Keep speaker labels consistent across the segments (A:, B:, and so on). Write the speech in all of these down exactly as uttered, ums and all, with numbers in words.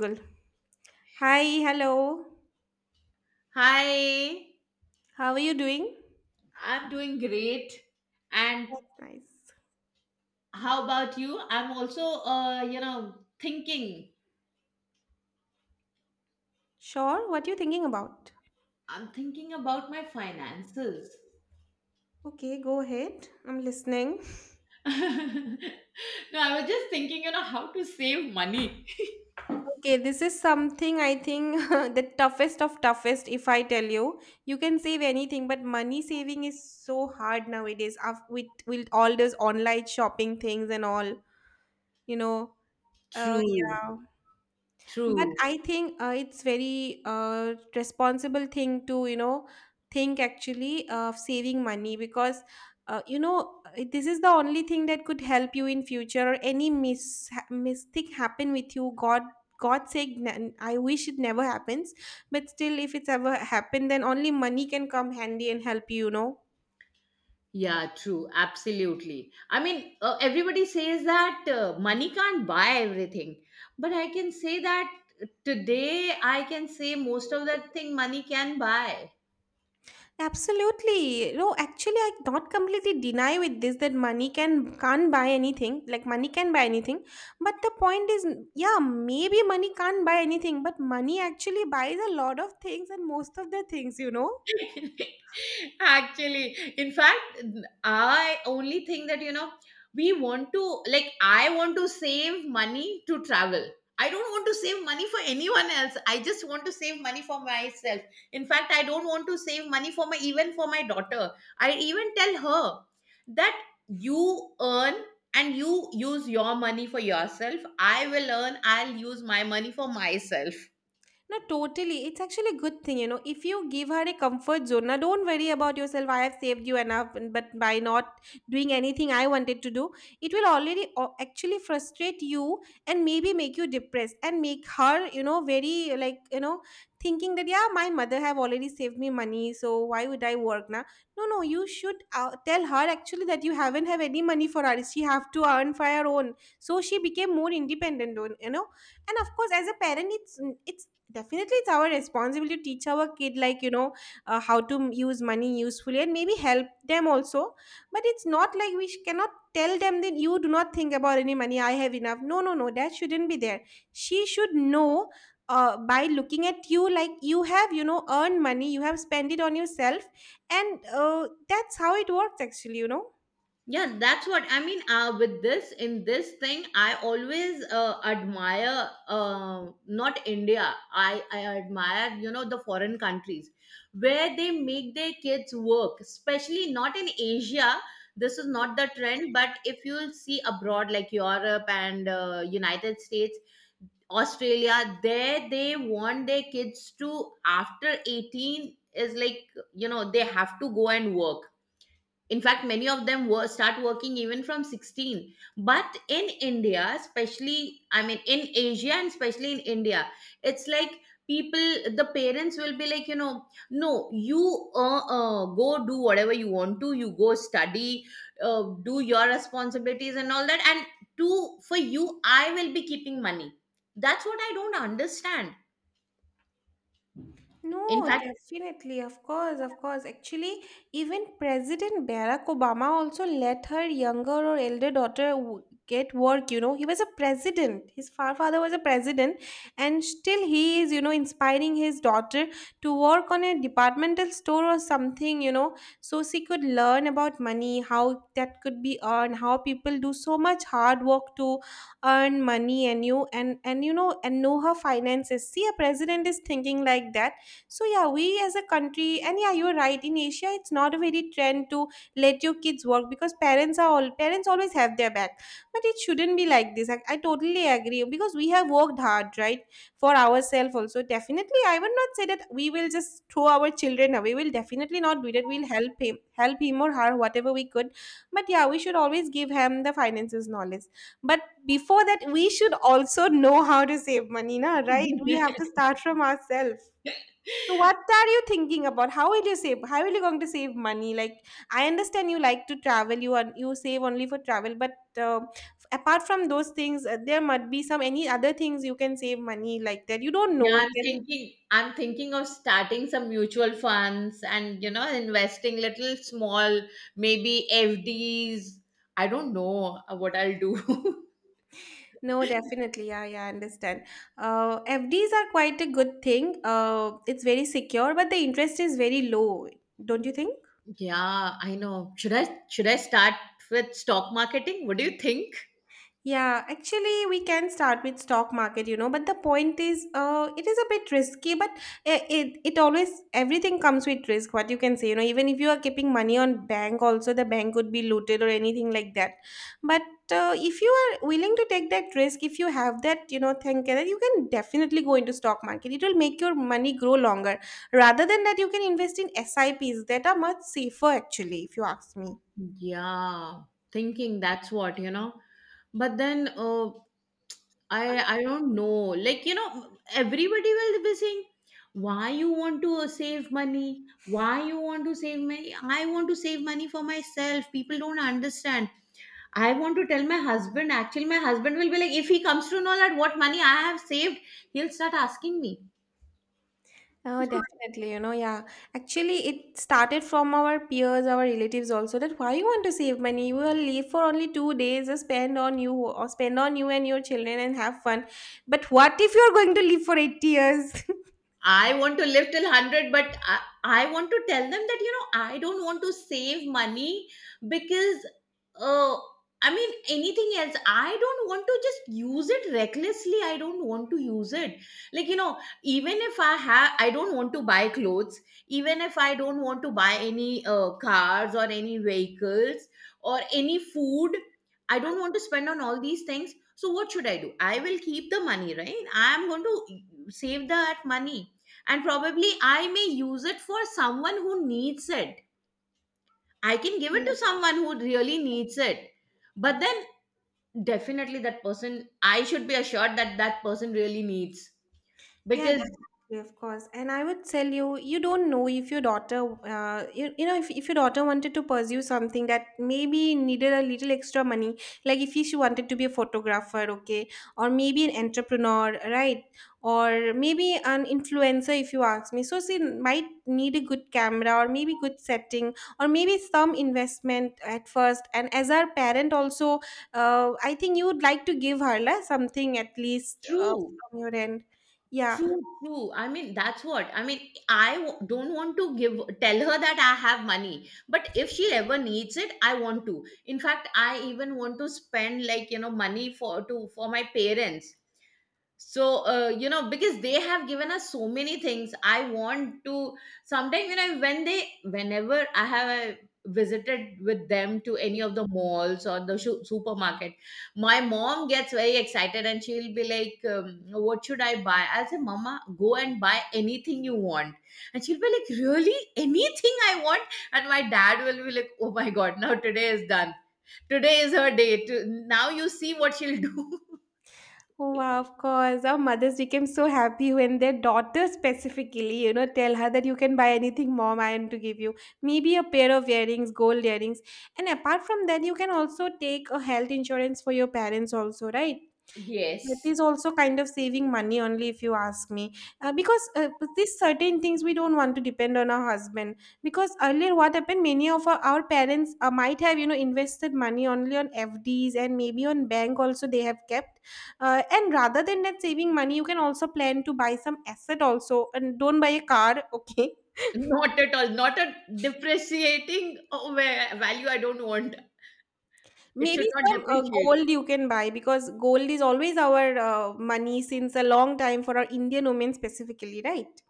A: Cool. Hi, hello.
B: Hi,
A: How are you doing?
B: I'm doing great. And
A: Nice.
B: how about you? I'm also, uh, you know, thinking.
A: Sure, what are you thinking about?
B: I'm thinking about my finances.
A: Okay, go ahead. I'm listening.
B: No, I was just thinking, you know, how to save money.
A: Okay, this is something I think the toughest of toughest. If I tell you, you can save anything, but money saving is so hard nowadays. af- With with all those online shopping things and all, you know. Uh,
B: True,
A: yeah. But
B: true.
A: I think uh, it's very uh, responsible thing to you know think actually of saving money because uh, you know uh, this is the only thing that could help you in future or any mis ha- mistake happen with you. God God's sake, n- I wish it never happens. But still, if it's ever happened, then only money can come handy and help you. You know.
B: Yeah, true. Absolutely. I mean, uh, everybody says that uh, money can't buy everything, but I can say that today I can say most of that thing money can buy.
A: Absolutely. No, actually, I not completely deny with this that money can can't buy anything. Like money can buy anything, but the point is, yeah, maybe money can't buy anything, but money actually buys a lot of things and most of the things, you know.
B: Actually, in fact, I only think that, you know, we want to, like, I want to save money to travel. I don't want to save money for anyone else. I just want to save money for myself. In fact, I don't want to save money for my, even for my daughter. I even tell her that you earn and you use your money for yourself. I will earn, I'll use my money for myself.
A: No, totally. It's actually a good thing, you know. If you give her a comfort zone, now don't worry about yourself. I have saved you enough, and- but by not doing anything I wanted to do, it will already o- actually frustrate you and maybe make you depressed and make her, you know, very like you know, thinking that yeah, my mother have already saved me money, so why would I work now? No, no, you should uh, tell her actually that you haven't have any money for her. She have to earn for her own. So she became more independent, don't- you know, and of course as a parent it's it's definitely, it's our responsibility to teach our kid, like, you know, uh, how to m- use money usefully and maybe help them also. But it's not like we sh- cannot tell them that you do not think about any money, I have enough. No, no, no, that shouldn't be there. She should know uh, by looking at you, like, you have, you know, earned money, you have spent it on yourself. And uh, that's how it works, actually, you know.
B: Yeah, that's what I mean. Uh with this, in this thing, I always uh, admire, uh, not India. I i admire, you know the foreign countries where they make their kids work, especially not in Asia. This is not the trend. But if you'll see abroad, like Europe and uh, United States, Australia, there they want their kids to after eighteen is like, you know they have to go and work. In fact, many of them were start working even from sixteen. But in India especially, I mean, in Asia and especially in India, it's like people, the parents will be like, you know no, you uh, uh, go do whatever you want to. You go study, uh, do your responsibilities and all that, and to, for you, I will be keeping money. That's what I don't understand. In
A: No, definitely, of course, of course. Actually, even President Barack Obama also let her younger or elder daughter w- get work. You know, he was a president. His fa- father was a president, and still he is, you know, inspiring his daughter to work on a departmental store or something. You know, so she could learn about money, how that could be earned, how people do so much hard work to earn money, and you and and you know and know her finances. See, a president is thinking like that, so yeah, we as a country, and yeah, you're right. In Asia, it's not a very trend to let your kids work because parents are all parents always have their back. But it shouldn't be like this. I, I totally agree because we have worked hard, right, for ourselves also. Definitely, I would not say that we will just throw our children away. We'll definitely not do that. We'll help him, help him or her, whatever we could. But yeah, we should always give him the finances knowledge. But before that, we should also know how to save money, na, right? We
B: fact.
A: have to start from ourselves. So what are you thinking about? How will you save? How are you going to save money? Like I understand you like to travel, you are you save only for travel, but uh, apart from those things, uh, there might be some any other things you can save money like that. You don't
B: Yeah,
A: know.
B: I'm
A: Can,
B: thinking I'm thinking of starting some mutual funds and, you know, investing little small, maybe F Ds. I don't know uh, what I'll do.
A: no, definitely, yeah, yeah, I understand. Uh, F Ds are quite a good thing. Uh, it's very secure, but the interest is very low. Don't you think?
B: Yeah, I know. Should I should I start with stock marketing? What do you think?
A: Yeah, actually, we can start with stock market, you know, but the point is, uh, it is a bit risky, but it, it it always everything comes with risk. What you can say, you know, even if you are keeping money on bank, also the bank could be looted or anything like that. But uh, if you are willing to take that risk, if you have that, you know, think that you can definitely go into stock market. It will make your money grow longer. Rather than that, you can invest in S I Ps that are much safer, actually, if you ask me.
B: Yeah, thinking that's what, you know. But then uh, I I don't know. Like, you know, everybody will be saying, why you want to uh, save money? Why you want to save money? I want to save money for myself. People don't understand. I want to tell my husband. Actually, my husband will be like, if he comes to know that what money I have saved, he'll start asking me.
A: Oh, definitely. You know, yeah. Actually, it started from our peers, our relatives also that why you want to save money? You will leave for only two days, uh, spend on you or spend on you and your children and have fun. But what if you're going to live for eighty years?
B: I want to live till a hundred, but I, I want to tell them that, you know, I don't want to save money because, uh, I mean, anything else, I don't want to just use it recklessly. I don't want to use it. Like, you know, even if I have, I don't want to buy clothes, even if I don't want to buy any uh, cars or any vehicles or any food, I don't want to spend on all these things. So, what should I do? I will keep the money, right? I am going to save that money, and probably I may use it for someone who needs it. I can give it to someone who really needs it. But then definitely that person, I should be assured that that person really needs.
A: Yeah,
B: Because
A: definitely, of course. And I would tell you, you don't know if your daughter, uh, you, you know, if, if your daughter wanted to pursue something that maybe needed a little extra money, like if she wanted to be a photographer, okay, or maybe an entrepreneur, right? Or maybe an influencer, if you ask me. So she might need a good camera or maybe good setting or maybe some investment at first. And as our parent also, uh, I think you would like to give her la, something at least uh,
B: true,
A: from your end. Yeah.
B: true, true. I mean, that's what. I mean, I w- don't want to give, tell her that I have money. But if she ever needs it, I want to. In fact, I even want to spend like, you know, money for, to, for my parents. So uh, you know, because they have given us so many things, I want to sometimes, you know, when they, whenever I have uh, visited with them to any of the malls or the shu- supermarket, my mom gets very excited and she'll be like, um, what should I buy? I'll say, Mama, go and buy anything you want. And she'll be like, really, anything I want? And my dad will be like, oh my god, now today is done. Today is her day to, now you see what she'll do.
A: Oh, wow, of course. Our mothers became so happy when their daughters specifically, you know, tell her that you can buy anything mom I am to give you. Maybe a pair of earrings, gold earrings. And apart from that, you can also take a health insurance for your parents also, right? That
B: Yes.
A: is also kind of saving money only if you ask me, uh, because uh, with these certain things we don't want to depend on our husband, because earlier what happened, many of our, our parents uh, might have, you know, invested money only on F Ds and maybe on bank also they have kept, uh, and rather than that saving money you can also plan to buy some asset also, and don't buy a car okay,
B: Not at all. Not a depreciating, uh, va- value, I don't want. It should
A: maybe
B: not
A: some uh,
B: depreciate.
A: gold you can buy because gold is always our uh, money since a long time for our Indian women specifically, right?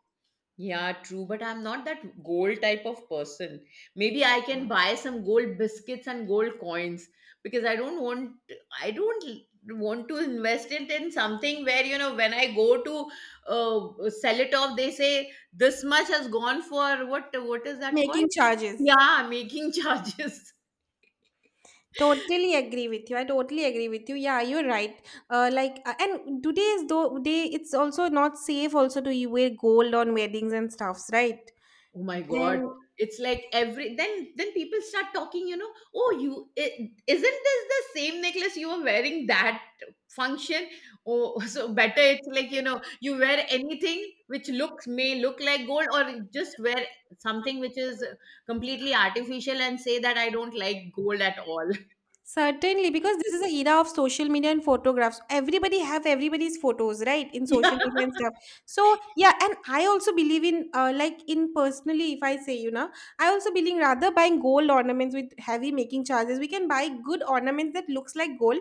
B: Yeah, true. But I'm not that gold type of person. Maybe I can buy some gold biscuits and gold coins, because I don't want, I don't want to invest it in something where, you know, when I go to uh, sell it off, they say this much has gone for what. What is that called?
A: Making charges.
B: Yeah, making charges.
A: Totally agree with you. I totally agree with you. Yeah, you're right. Uh, like, uh, and today's though day, it's also not safe also to you wear gold on weddings and stuffs, right?
B: Oh my god,
A: And
B: it's like every then then people start talking, you know, oh you is, isn't this the same necklace you were wearing that function? Oh. So better it's like, you know, you wear anything which looks, may look like gold, or just wear something which is completely artificial and say that I don't like gold at all.
A: certainly, because this is the era of social media and photographs. Everybody have everybody's photos, right, in social
B: Yeah,
A: media and stuff. So yeah, and I also believe in, uh, like in personally, if I say, you know, I also believe rather buying gold ornaments with heavy making charges. We can buy good ornaments that looks like gold,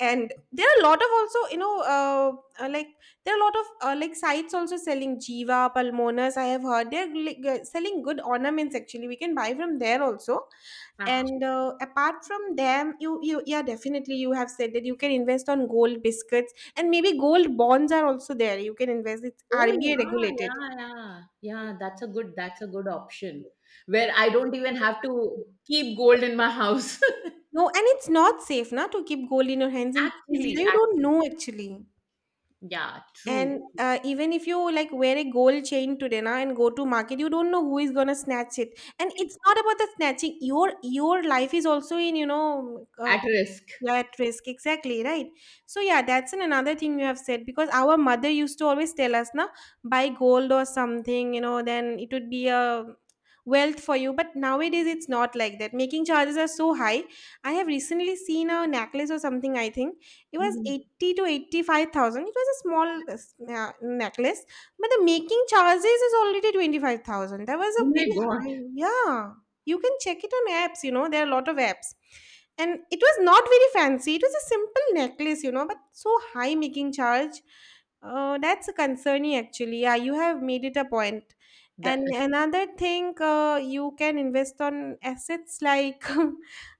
A: and there are a lot of also, you know, uh, uh, like, there are a lot of uh, like sites also selling jiva palmonas, I have heard they're like, uh, selling good ornaments, actually we can buy from there also. And
B: actually.
A: uh, apart from them, you, you, yeah, definitely you have said that you can invest on gold biscuits and maybe gold bonds are also there, you can invest, it's
B: Oh
A: R B A
B: yeah,
A: regulated.
B: yeah, yeah. Yeah, that's a good that's a good option. Where I don't even have to keep gold in my house.
A: No, and it's not safe na, to keep gold in your hands in
B: Actually,
A: zero, you don't know
B: actually.
A: actually.
B: Yeah, true,
A: And
B: true.
A: uh, even if you like wear a gold chain today na and go to market, you don't know who is gonna snatch it. And it's not about the snatching. Your your life is also in, you know, uh,
B: At risk.
A: yeah, at risk, exactly, right? So, yeah, that's an another thing you have said, because our mother used to always tell us, now buy gold or something, you know, then it would be a wealth for you. But nowadays, it's not like that. Making charges are so high. I have recently seen a necklace or something, I think it was
B: Mhm.
A: eighty to eighty-five thousand. It was a small uh, s- uh, necklace, but the making charges is already twenty-five thousand. That was
B: Oh
A: a
B: my
A: very
B: God.
A: high, yeah. You can check it on apps, you know, there are a lot of apps, and it was not very fancy, it was a simple necklace, you know, but so high making charge, uh, that's concerning actually, yeah, you have made it a point point.
B: That,
A: And another thing, uh, you can invest on assets like,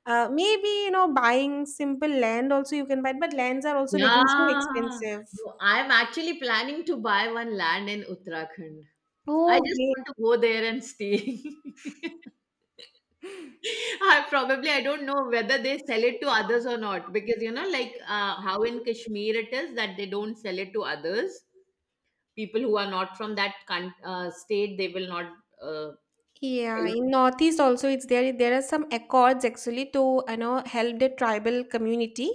A: uh, maybe, you know, buying simple land also you can buy, but lands are also making so
B: yeah.
A: expensive.
B: No, I'm actually planning to buy one land in Uttarakhand. I
A: Oh,
B: just want to go there and stay.
A: great.
B: I probably, I don't know whether they sell it to others or not, because, you know, like uh, how in Kashmir it is that they don't sell it to others. People who are not from that con uh, state, they will not uh,
A: Yeah,
B: sell it.
A: in Northeast also it's there. There are some accords actually to, you know, help the tribal community.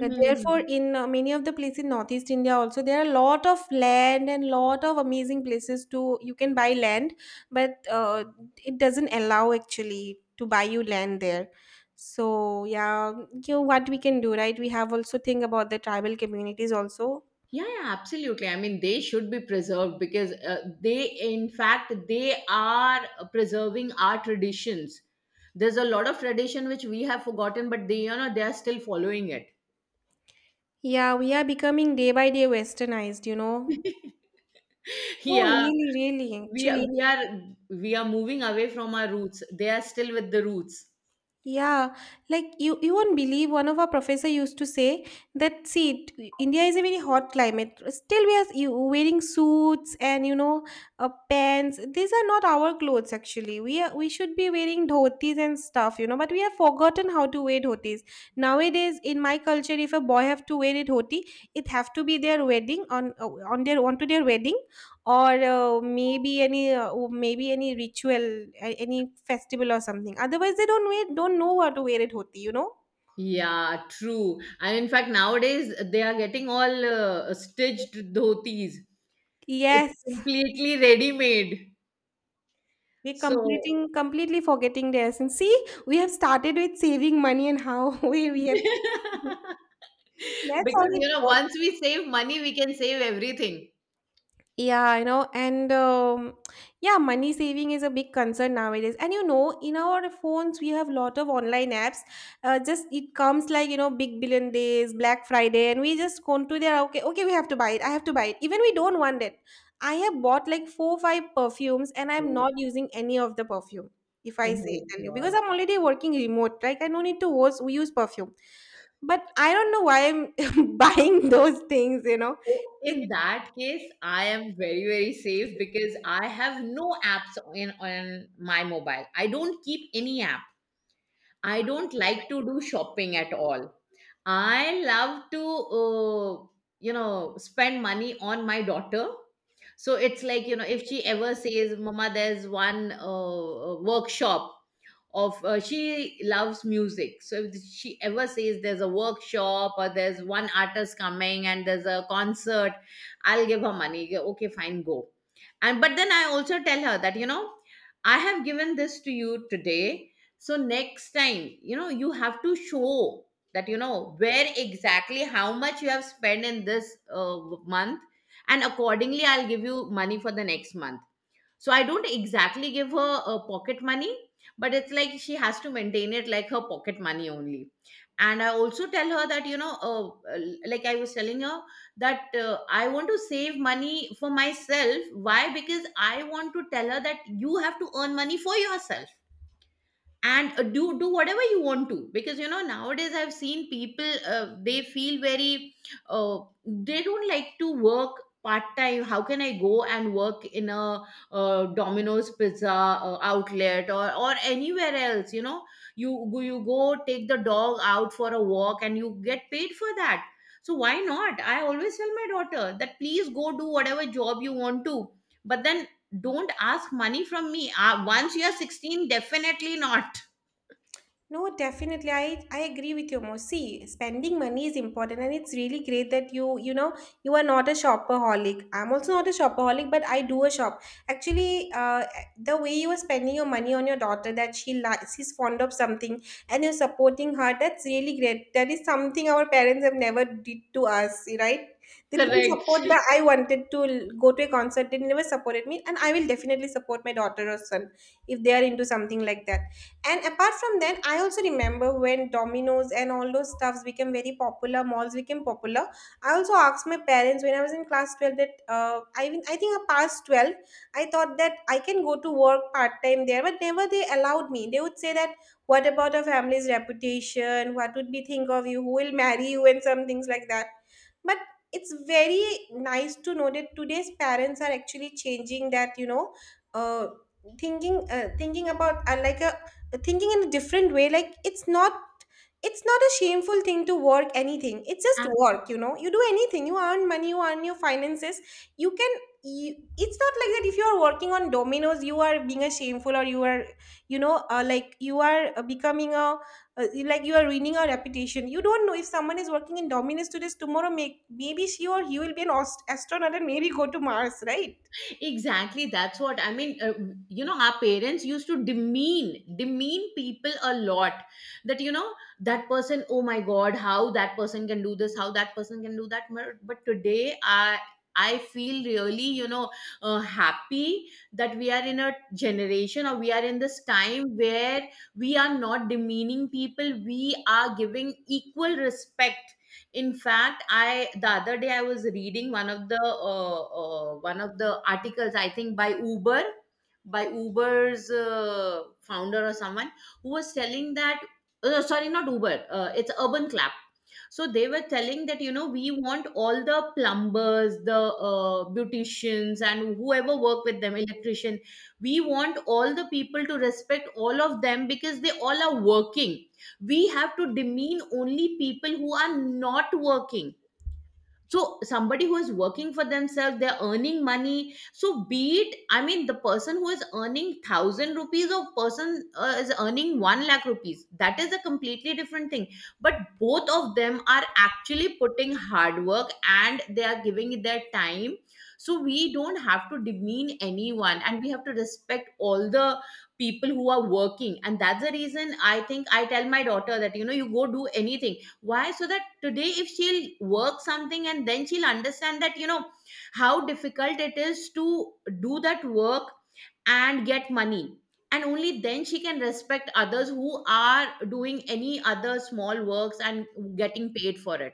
A: Uh, Therefore, in uh, many of the places in Northeast India also there are a lot of land and lot of amazing places to you can buy land, but uh, it doesn't allow actually to buy you land there. So yeah, you know what we can do, right? We have also think about the tribal communities also.
B: Yeah, yeah, absolutely. I mean, they should be preserved, because uh, they, in fact, they are preserving our traditions. There's a lot of tradition which we have forgotten, but they, you know, they are still following it.
A: Yeah, we are becoming day by day westernized, you know. Oh,
B: Yeah,
A: really, really,
B: we are,
A: actually.
B: we are we are moving away from our roots. They are still with the roots.
A: Yeah, like you, you won't believe one of our professor used to say that see, t- India is a very hot climate. Still, we are you wearing suits and you know uh, pants. These are not our clothes actually. We are we should be wearing dhotis and stuff, you know. But we have forgotten how to wear dhotis nowadays. In my culture, if a boy have to wear a dhoti, it have to be their wedding on uh, on their onto their wedding or uh, maybe any uh, oh, maybe any ritual, a- any festival or something. Otherwise they don't wear, don't know how to wear it hoti, you know.
B: Yeah, true. And in fact, nowadays they are getting all uh, stitched dhotis. It's
A: Yes,
B: completely ready-made.
A: we're
B: So.
A: completing completely forgetting the essence, see. We have started with saving money and how we, we have
B: Because,
A: that's how it
B: you know,
A: works.
B: once we save money, we can save everything.
A: Yeah, you know. And um, yeah, money saving is a big concern nowadays. And you know, in our phones, we have lot of online apps. Uh, just it comes like, you know, Big Billion Days, Black Friday, and we just go to there. Okay, okay, we have to buy it. I have to buy it. Even we don't want it. I have bought like four, five perfumes, and I'm
B: Mm.
A: not using any of the perfume. If
B: Oh
A: I
B: my
A: say tell you, because
B: God.
A: I'm already working remote, like I no need to use, use perfume. But I don't know why I'm buying those things. You know,
B: So in
A: it.
B: that case, I am very, very safe, because I have no apps in on my mobile. I don't keep any app. I don't like to do shopping at all. I love to, uh, you know, spend money on my daughter. So it's like, you know, if she ever says, Mama, there's one uh, uh, workshop of, uh, she loves music. So if she ever says there's a workshop, or there's one artist coming and there's a concert, I'll give her money. Yeah, okay, fine, go. And but then I also tell her that, you know, I have given this to you today. So next time, you know, you have to show that you know where exactly how much you have spent in this uh, month, and accordingly I'll give you money for the next month. So I don't exactly give her uh, pocket money, but it's like she has to maintain it like her pocket money only. And I also tell her that, you know, uh, uh, like I was telling her that uh, I want to save money for myself. Why? Because I want to tell her that you have to earn money for yourself. And uh, do do whatever you want to, because, you know, nowadays I've seen people, uh, they feel very, uh, they don't like to work part time. How can I go and work in a uh, Domino's pizza uh, outlet, or or anywhere else? You know, you go- you go take the dog out for a walk and you get paid for that. So why not? I always tell my daughter that please go do whatever job you want to, but then don't ask money from me, uh, once you are sixteen, definitely not.
A: No, definitely. I, I agree with you, Mo. See, spending money is important, and it's really great that you, you know, you are not a shopaholic. I'm also not a shopaholic, but I do a shop. Actually, uh, the way you are spending your money on your daughter, that she likes, she's fond of something, and you're supporting her, that's really great. That is something our parents have never did to us, right? They didn't
B: Correct.
A: support that I wanted to l- go to a concert. They never supported me, and I will definitely support my daughter or son if they are into something like that. And apart from that, I also remember when Domino's and all those stuffs became very popular, malls became popular. I also asked my parents when I was in class twelve that uh, I, mean, I think I passed twelve. I thought that I can go to work part time there, but never they allowed me. They would say that, what about a family's reputation? What would we think of you? Who will marry you? And some things like that. But it's very nice to know that today's parents are actually changing that, you know. Uh, thinking uh, thinking about uh, like a thinking in a different way, like it's not, it's not a shameful thing to work anything, it's just
B: Ah,
A: work, you know. You do anything, you earn money, you earn your finances, you can, you, it's not like that. If you are working on dominoes, you are being a shameful, or you are, you know, uh, like you are uh, becoming a, uh, like you are ruining a reputation. You don't know, if someone is working in dominoes today, tomorrow may, maybe she or he will be an ast- astronaut and maybe go to Mars, right?
B: exactly, that's what I mean. Uh, you know, our parents used to demean demean people a lot. That, you know, that person, oh my God, how that person can do this? How that person can do that? But but today, I I feel really, you know, uh, happy that we are in a generation, or we are in this time, where we are not demeaning people. We are giving equal respect. In fact, I the other day I was reading one of the uh, uh, one of the articles, I think, by Uber, by Uber's uh, founder or someone, who was telling that, uh, no, sorry, not Uber, uh, it's Urban Clap. So they were telling that, you know, we want all the plumbers, the uh, beauticians, and whoever work with them, electrician. We want all the people to respect all of them, because they all are working. We have to demean only people who are not working. So somebody who is working for themselves, they're earning money, so be it. I mean, the person who is earning one thousand rupees or person, uh, is earning 1 lakh rupees, that is a completely different thing, but both of them are actually putting hard work, and they are giving it their time. So we don't have to demean anyone, and we have to respect all the people who are working. And that's the reason I think I tell my daughter that, you know, you go do anything. Why? So that today if she'll work something, and then she'll understand that, you know, how difficult it is to do that work and get money, and only then she can respect others who are doing any other small works and getting paid for it.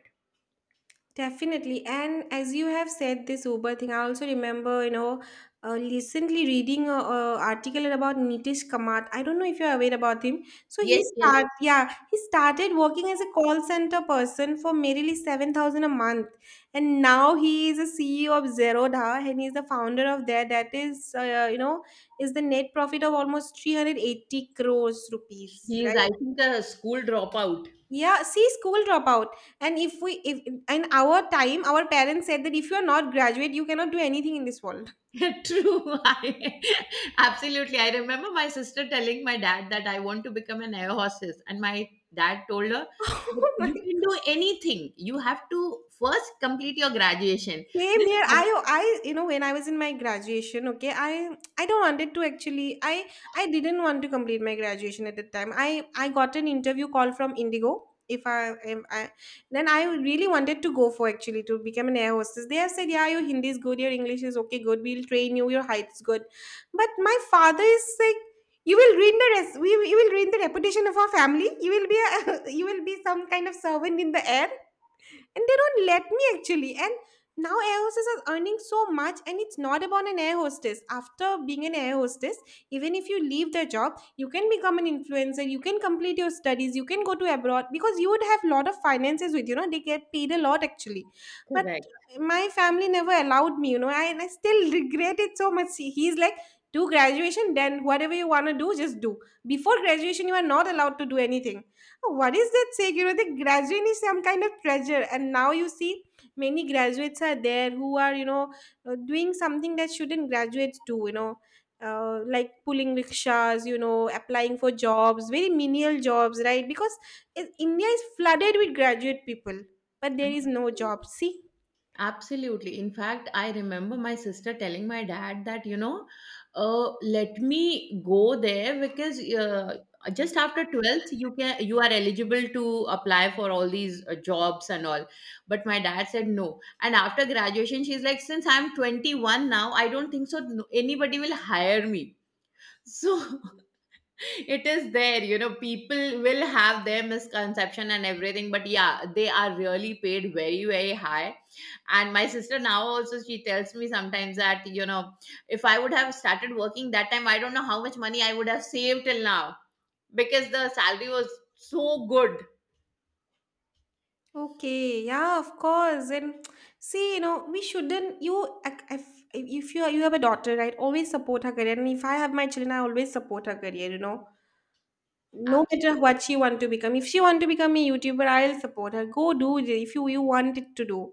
A: Definitely. And as you have said this Uber thing, I also remember, you know, uh, recently reading a, a article about Nitish Kamath. I don't know if you're aware about him. So he
B: Yes, yes.
A: start, yeah, he started working as a call center person for merely seven thousand a month. And now he is a C E O of Zerodha and he's the founder of that. That is, uh, you know, is the net profit of almost three hundred eighty crores rupees,
B: He is, I
A: right?
B: think, a school dropout.
A: Yeah, see, school dropout. And if we, if in our time our parents said that if you are not graduate you cannot do anything in this world.
B: True. I, absolutely. I remember my sister telling my dad that I want to become an air hostess. And my dad told her that you can do anything. You have to first complete your graduation.
A: Same
B: This
A: here. I I you know, when I was in my graduation, okay, I I don't wanted to actually, I I didn't want to complete my graduation at that time. I I got an interview call from Indigo. If I, if I then I really wanted to go for actually to become an air hostess. They have said, yeah, your Hindi is good, your English is okay, good. We'll train you. Your height is good, but my father is like, you will ruin the rest. We you will ruin the reputation of our family. You will be a, you will be some kind of servant in the air, and they don't let me actually. And now air hostess are earning so much, and it's not about an air hostess. After being an air hostess, even if you leave the job, you can become an influencer, you can complete your studies, you can go to abroad, because you would have lot of finances with, you know, they get paid a lot actually. But
B: correct.
A: my family never allowed me, you know. And I still regret it so much. See, he's like, do graduation, then whatever you want to do, just do. Before graduation, you are not allowed to do anything. So, what is that saying? You know, the graduate is some kind of treasure, and now you see many graduates are there who are, you know, uh, doing something that shouldn't graduates do. You know, uh, like pulling rickshaws. You know, applying for jobs, very menial jobs, right? Because it, India is flooded with graduate people, but there is no job. See.
B: Absolutely. In fact, I remember my sister telling my dad that, you know, uh, let me go there, because uh, just after twelfth, you can, you are eligible to apply for all these uh, jobs and all. But my dad said no. And after graduation, she's like, since I'm twenty-one now, I don't think so. no- Anybody will hire me. So. It is there, you know, people will have their misconception and everything, but yeah, they are really paid very, very high. And my sister now also, she tells me sometimes that, you know, if I would have started working that time, I don't know how much money I would have saved till now, because the salary was so good.
A: Okay, yeah, of course. And see, you know, we shouldn't. You, if, if you you have a daughter, right? Always support her career. And if I have my children, I always support her career. You know, no matter
B: Absolutely.
A: what she want to become, if she want to become a YouTuber, I'll support her. Go do it if you, you want it to do.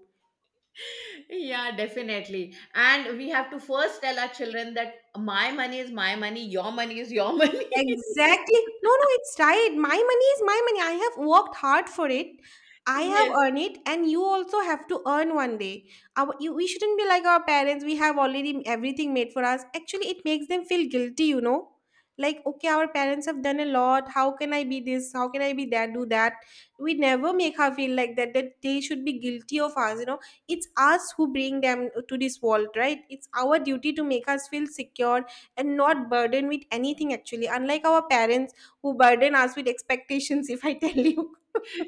B: Yeah, definitely. And we have to first tell our children that my money is my money, your money is your money.
A: Exactly. No, no, it's right. My money is my money. I have worked hard for it. I have
B: Yes.
A: earned it, and you also have to earn one day. Our, you, we shouldn't be like our parents. We have already everything made for us. Actually, it makes them feel guilty, you know? Like, okay, our parents have done a lot. How can I be this? How can I be that? Do that? We never make her feel like that, that they should be guilty of us, you know? It's us who bring them to this world, right? It's our duty to make us feel secure and not burdened with anything actually, unlike our parents who burden us with expectations. If I tell you,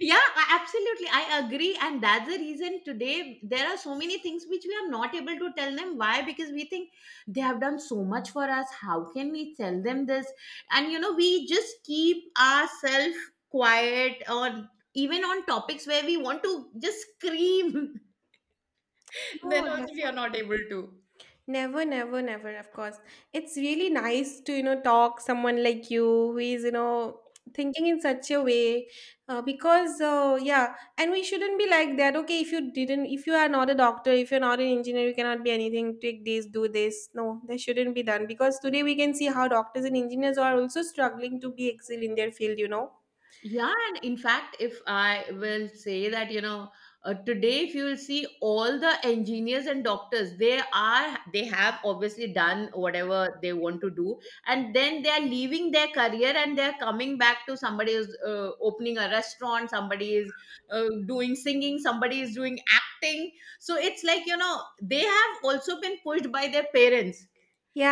B: Yeah, I- absolutely I agree. And that's the reason today there are so many things which we are not able to tell them. Why? Because we think they have done so much for us, how can we tell them this? And, you know, we just keep ourselves quiet, or even on topics where we want to just scream. Then
A: no,
B: also we are not
A: definitely,
B: able to.
A: never, never, never, of course. It's really nice to, you know, talk someone like you who is, you know, thinking in such a way. Uh, because uh, yeah, and we shouldn't be like that. Okay, if you didn't, if you are not a doctor, if you're not an engineer, you cannot be anything, take this, do this, no, that shouldn't be done, because today we can see how doctors and engineers are also struggling to be excel in their field, you know.
B: Yeah, and in fact, if I will say that, you know, uh, today if you will see all the engineers and doctors, they are, they have obviously done whatever they want to do, and then they are leaving their career and they are coming back to, somebody is uh, opening a restaurant, somebody is uh, doing singing, somebody is doing acting. So it's like, you know, they have also been pushed by their parents.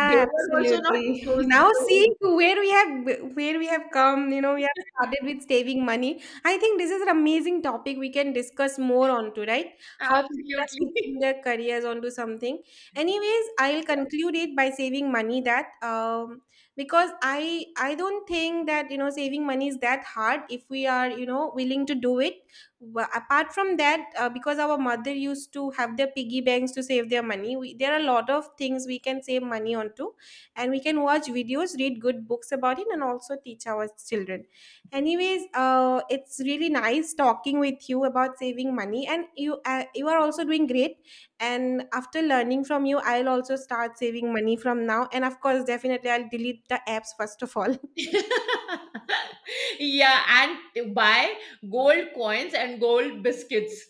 B: They were also not
A: absolutely.
B: chosen.
A: Now seeing where we have where we have come, you know, we have started with saving money. I think this is an amazing topic we can discuss more on to, right? How people are switching
B: Absolutely.
A: their careers onto something. Anyways, I'll conclude it by saving money, that um because I I don't think that, you know, saving money is that hard if we are, you know, willing to do it. Wha- apart from that, uh, because our mother used to have their piggy banks to save their money, we, there are a lot of things we can save money onto, and we can watch videos, read good books about it, and also teach our children. Anyways, uh, it's really nice talking with you about saving money, and you uh, you are also doing great, and after learning from you I'll also start saving money from now, and of course definitely I'll delete the apps first of all.
B: Yeah, and buy gold coins and gold biscuits.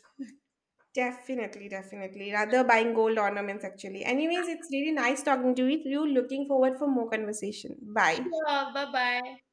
A: Definitely, definitely. Rather buying gold ornaments actually. Anyways, it's really nice talking to you. You looking forward for more conversation. Bye.
B: Sure, bye bye.